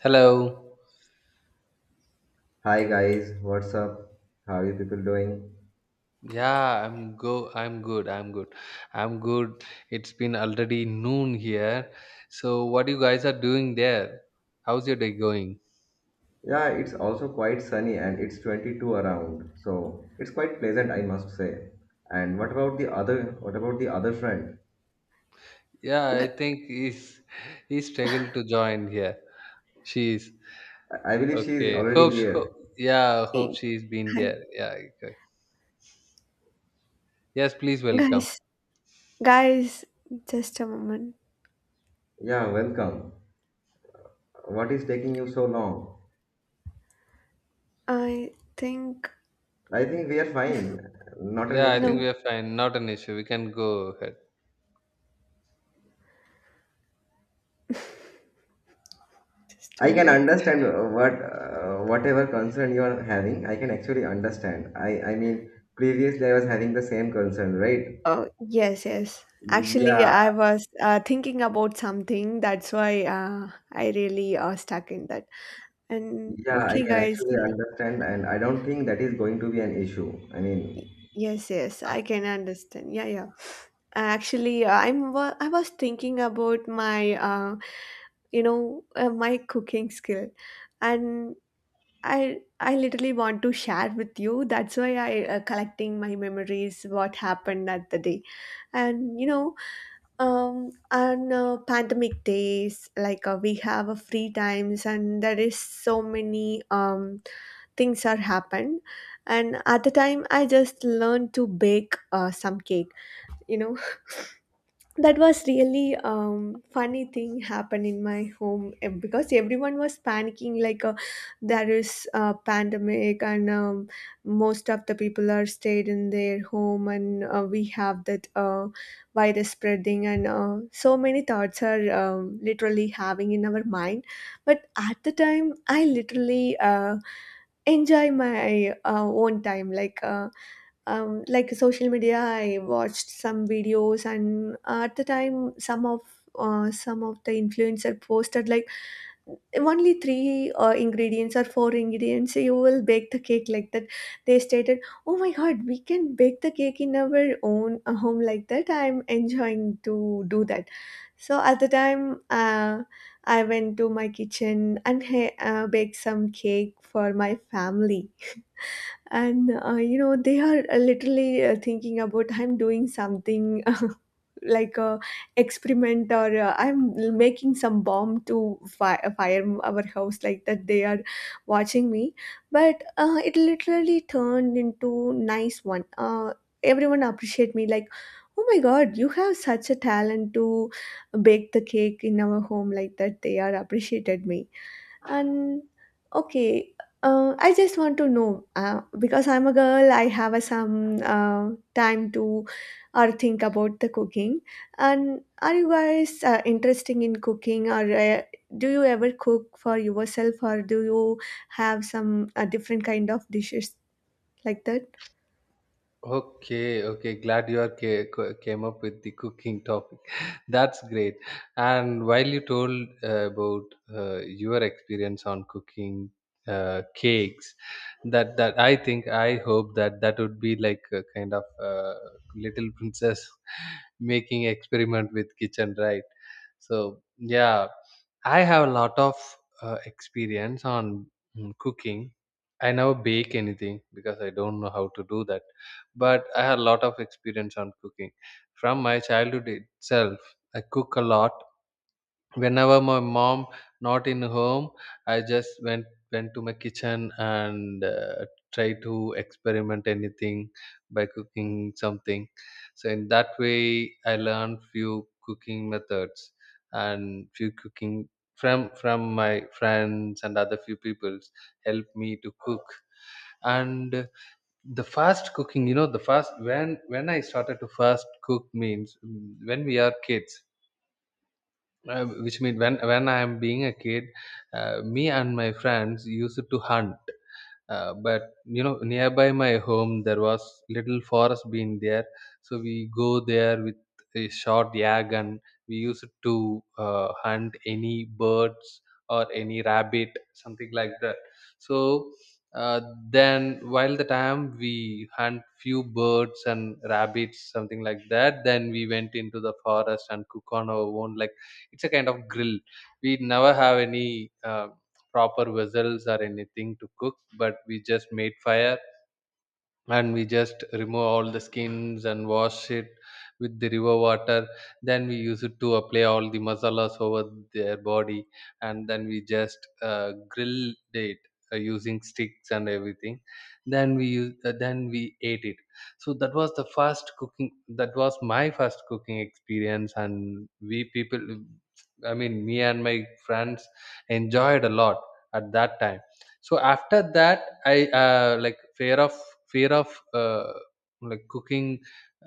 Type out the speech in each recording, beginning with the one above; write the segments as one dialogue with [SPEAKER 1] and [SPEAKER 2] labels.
[SPEAKER 1] Hello.
[SPEAKER 2] Hi guys, what's up? How are you people doing?
[SPEAKER 1] I'm good. I'm good. It's been already noon here. So what you guys are doing there? How's your day going?
[SPEAKER 2] Yeah, it's also quite sunny and it's 22 around. So, it's quite pleasant, I must say. And what about the other friend?
[SPEAKER 1] Yeah, I
[SPEAKER 3] Gu-
[SPEAKER 1] think he's he struggled to join here. She's
[SPEAKER 2] I believe she is
[SPEAKER 1] Okay.
[SPEAKER 2] already
[SPEAKER 1] Hope,
[SPEAKER 2] here.
[SPEAKER 1] hope yeah,
[SPEAKER 3] eh,
[SPEAKER 1] hope she's been
[SPEAKER 3] Hi,
[SPEAKER 1] there. Yeah, okay. Yes, please welcome.
[SPEAKER 3] guys, guys, just a moment.
[SPEAKER 2] Yeah, welcome. What is taking you so long?
[SPEAKER 3] I think
[SPEAKER 2] I think we are fine. Not an
[SPEAKER 1] Yeah, I think
[SPEAKER 2] issue.
[SPEAKER 3] no,
[SPEAKER 1] we are fine. Not an issue. We can go ahead.
[SPEAKER 3] Just a
[SPEAKER 2] I can
[SPEAKER 3] moment.
[SPEAKER 2] understand, whatever concern you are having. I can actually understand. I mean, previously I was having the same concern, right?
[SPEAKER 3] Oh, yes, yes. Actually,
[SPEAKER 2] Yeah,
[SPEAKER 3] I was thinking about something. That's why I really stuck in that. And
[SPEAKER 2] yeah. I
[SPEAKER 3] okay,
[SPEAKER 2] can
[SPEAKER 1] Okay.
[SPEAKER 3] guys.
[SPEAKER 2] actually understand, and I don't think that is going to be an issue.
[SPEAKER 3] Yes, yes, I can understand. Yeah, yeah. Actually, I was thinking about my, you know, my cooking skill, and I literally want to share with you. That's why I collecting my memories, what happened at the day, and you know, on pandemic days, like we have a free times, and there is so many things are happened, and at the time I just learned to bake some cake. You know, that was really funny thing happened in my home because everyone was panicking like there is a pandemic and most of the people are stayed in their home and we have that virus spreading and so many thoughts are literally having in our mind but at the time I literally enjoy my own time like social media, I watched some videos, and at the time, some of the influencer posted like only three ingredients or four ingredients you will bake the cake like that they stated. Oh my god, we can bake the cake in our own home like that. I'm enjoying to do that. So at the time I went to my kitchen and baked some cake for my family. And you know they are literally thinking about I'm doing something like a experiment or I'm making some bomb to fire our house, like that they are watching me. But it literally turned into nice one. Everyone appreciate me like, oh my god, you have such a talent to bake the cake in our home, like that they are appreciated me. And okay, I just want to know because I'm a girl, I have a, some time to or think about the cooking. And are you guys interested in cooking, or do you ever cook for yourself, or do you have some different kind of dishes like that?
[SPEAKER 1] Okay, okay. Glad you are came up with the cooking topic. That's great. And while you told about your experience on cooking cakes, that I think I hope that that would be like a kind of little princess making experiment with kitchen, right? So yeah, I have a lot of experience on cooking. I never bake anything because I don't know how to do that, but I have a lot of experience on cooking from my childhood itself. I cook a lot. Whenever my mom not in home, I just went to my kitchen and try to experiment anything by cooking something. So in that way I learned few cooking methods and few cooking from my friends, and other few people's help me to cook. And the fast cooking, you know, the fast when I started to fast cook means, when we are kids, which mean when I am being a kid, me and my friends used to hunt. But you know, nearby my home there was little forest being there, so we go there with a short yak, and we use it to hunt any birds or any rabbit something like that. So uh, then while the time we hunt few birds and rabbits something like that, then we went into the forest and cook on our own. Like it's a kind of grill. We never have any proper vessels or anything to cook, but we just made fire, and we just remove all the skins and wash it with the river water. Then we use it to apply all the masalas over their body, and then we just grill it using sticks and everything. Then we use then we ate it. So that was the first cooking, that was my first cooking experience, and we people, I mean me and my friends, enjoyed a lot at that time. So after that I like fear of uh, cooking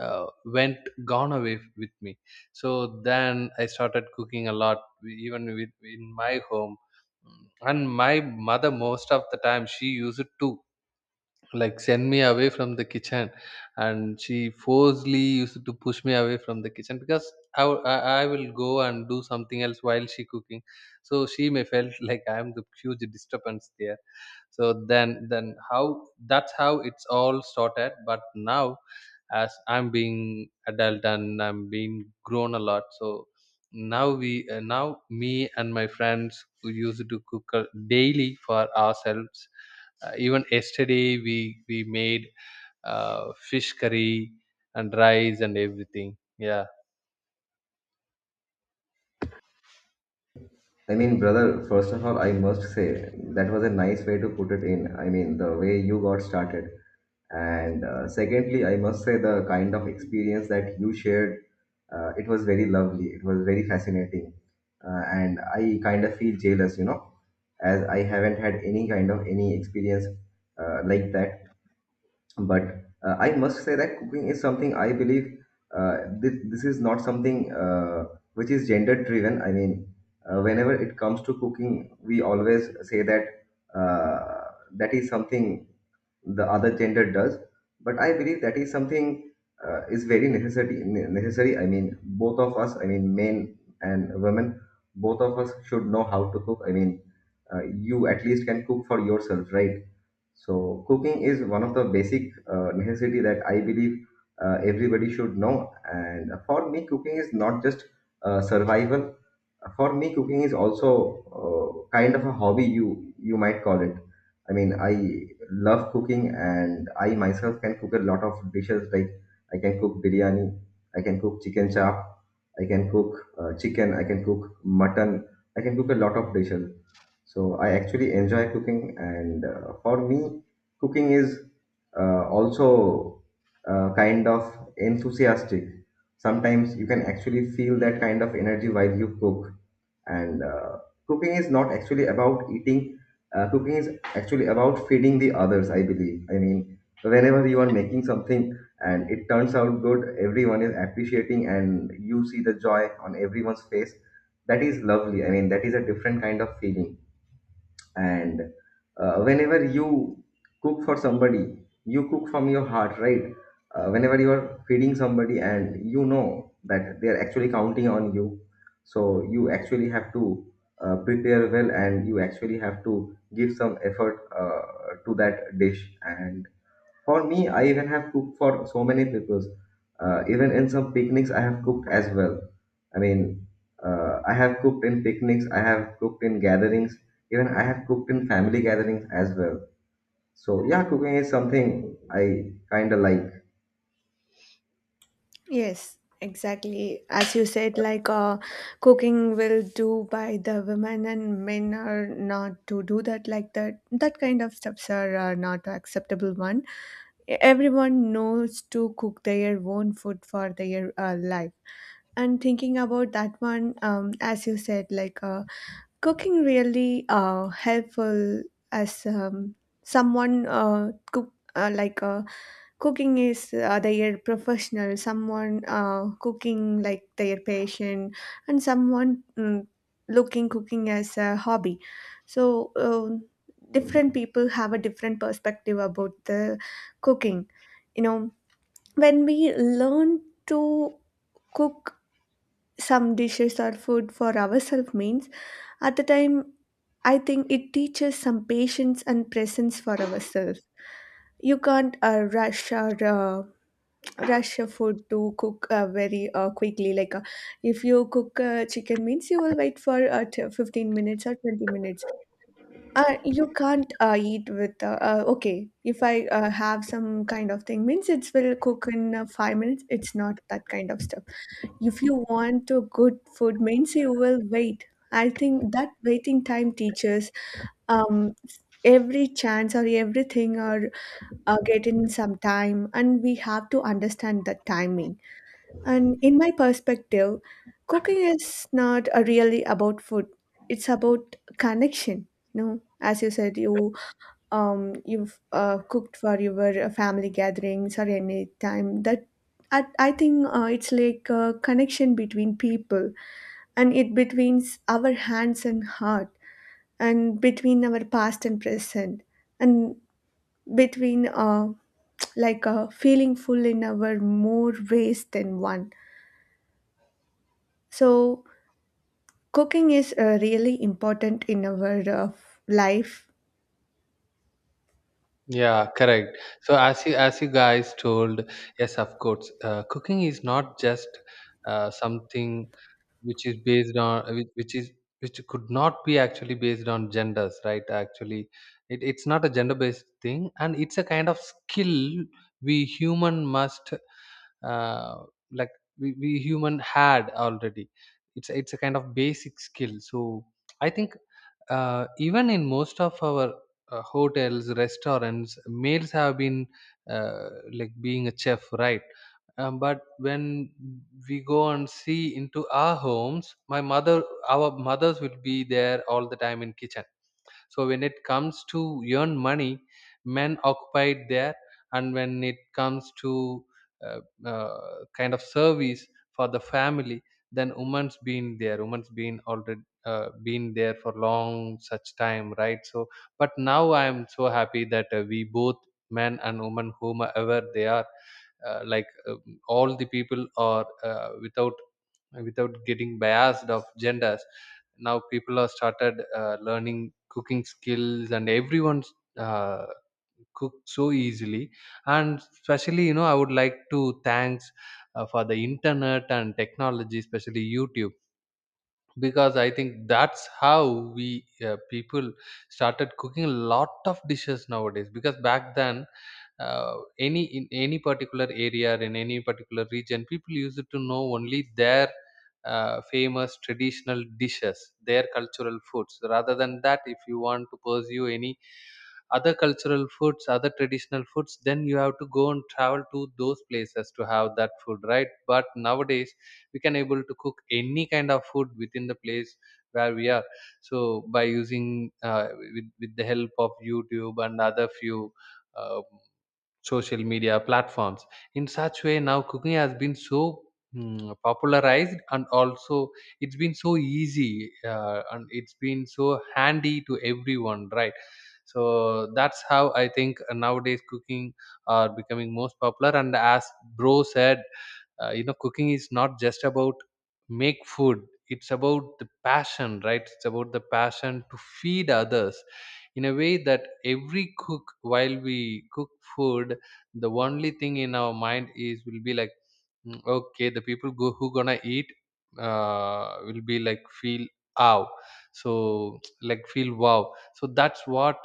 [SPEAKER 1] uh, went gone away with me. So then I started cooking a lot, even with in my home. And my mother, most of the time she used to like send me away from the kitchen, and she forcefully used to push me away from the kitchen because I w- I will go and do something else while she cooking. So she may felt like I am the huge disturbance there. So then how that's how it's all started. But now, as I'm being adult and I'm being grown a lot, so now we now me and my friends who used to cook daily for ourselves. Even yesterday we made fish curry and rice and everything. Yeah.
[SPEAKER 2] I mean, brother. First of all, I must say that was a nice way to put it in. I mean, the way you got started, and secondly, I must say the kind of experience that you shared. It was very lovely. It was very fascinating, and I kind of feel jealous, you know, as I haven't had any kind of any experience like that. But I must say that cooking is something I believe this is not something which is gender driven. I mean, whenever it comes to cooking, we always say that uh, that is something the other gender does, but I believe that is something is very necessary. Necessary, I mean, both of us, I mean, men and women, both of us should know how to cook. I mean, you at least can cook for yourself, right? So cooking is one of the basic necessity that I believe everybody should know, and for me cooking is not just survival. For me, cooking is also kind of a hobby, you might call it. I mean, I love cooking, and I myself can cook a lot of dishes. Like, I can cook biryani, I can cook chicken chop, I can cook chicken, I can cook mutton, I can cook a lot of dishes. So I actually enjoy cooking, and for me, cooking is also kind of enthusiastic. Sometimes you can actually feel that kind of energy while you cook. And cooking is not actually about eating. Cooking is actually about feeding the others, I believe. I mean, whenever you are making something and it turns out good, everyone is appreciating, and you see the joy on everyone's face. That is lovely. I mean, that is a different kind of feeling. And whenever you cook for somebody, you cook from your heart, right? Whenever you are feeding somebody and you know that they are actually counting on you, so you actually have to prepare well, and you actually have to give some effort to that dish. And for me, I even have cooked for so many people. Even in some picnics, I have cooked as well. I mean, I have cooked in picnics, I have cooked in gatherings, even I have cooked in family gatherings as well. So, yeah, cooking is something I kind of like.
[SPEAKER 3] Yes, exactly. As you said, like cooking will do by the women and men are not to do that, like that. That kind of steps are not acceptable one. Everyone knows to cook their own food for their life. And thinking about that one, as you said, like cooking really helpful as someone cook cooking is their professional, someone cooking like their passion, and someone looking cooking as a hobby. So different people have a different perspective about the cooking. You know, when we learn to cook some dishes or food for ourselves means at the time I think it teaches some patience and presence for ourselves. You can't rush a food to cook very quickly like if you cook chicken means you will wait for 15 minutes or 20 minutes. You can't eat with okay, if I have some kind of thing means it will cook in 5 minutes. It's not that kind of stuff. If you want a good food means you will wait. I think that waiting time teaches um, every chance or everything or get in some time, and we have to understand the timing. And in my perspective, cooking is not a really about food. It's about connection. No, as you said, you've cooked for your family gatherings or any time that. I think it's like a connection between people, and it between our hands and heart, and between our past and present, and between like a feeling full in our more ways than one. So cooking is really important in our life.
[SPEAKER 1] Yeah, correct. So as you guys told, yes, of course, cooking is not just something which is based on which could not be actually based on genders, right? Actually it's not a gender based thing, and it's a kind of skill we human must, uh, like we human had already, it's a kind of basic skill. So I think even in most of our hotels, restaurants, males have been like being a chef, right? But when we go and see into our homes, my mother, our mothers will be there all the time in kitchen. So when it comes to earn money, men occupied there, and when it comes to uh, kind of service for the family, then women's been there. Women's been already been there for long such time, right? So but now I am so happy that we both, men and women, whomever they are, all the people are without getting biased of genders. Now people are started learning cooking skills, and everyone uh, cook so easily. And especially, you know, I would like to thanks for the internet and technology, especially YouTube, because I think that's how we people started cooking a lot of dishes nowadays. Because back then, any particular area, in any particular region, people used to know only their famous traditional dishes, their cultural foods. Rather than that, if you want to pursue any other cultural foods, other traditional foods, then you have to go and travel to those places to have that food, right? But nowadays we can able to cook any kind of food within the place where we are. So by using with the help of YouTube and other few um, social media platforms, in such way, now cooking has been so popularized, and also it's been so easy and it's been so handy to everyone, right? So that's how I think nowadays cooking are becoming most popular. And as bro said, you know, cooking is not just about make food, it's about the passion, right? It's about the passion to feed others in a way that every cook, while we cook food, the only thing in our mind is will be like, "Mm, okay, the people go, who gonna eat will be like feel ow." So like feel wow. So that's what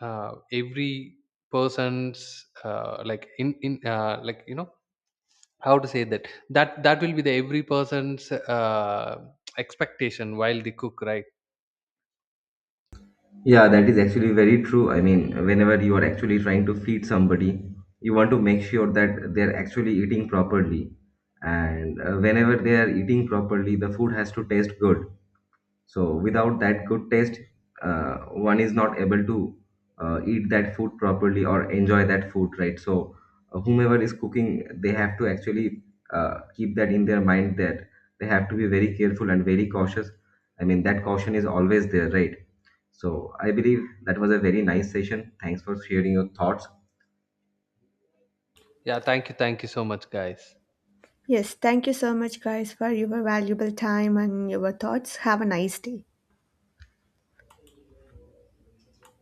[SPEAKER 1] uh, every person's like in like, you know, how to say that, that will be the every person's uh, expectation while they cook, right?
[SPEAKER 2] Yeah, that is actually very true. I mean, whenever you are actually trying to feed somebody, you want to make sure that they're actually eating properly. And whenever they are eating properly, the food has to taste good. So without that good taste, one is not able to eat that food properly or enjoy that food, right? So whomever is cooking, they have to actually keep that in their mind that they have to be very careful and very cautious. I mean, that caution is always there, right? So I believe that was a very nice session. Thanks for sharing your thoughts.
[SPEAKER 1] Thank you so much, guys.
[SPEAKER 3] Yes, thank you so much, guys, for your valuable time and your thoughts. Have a nice day.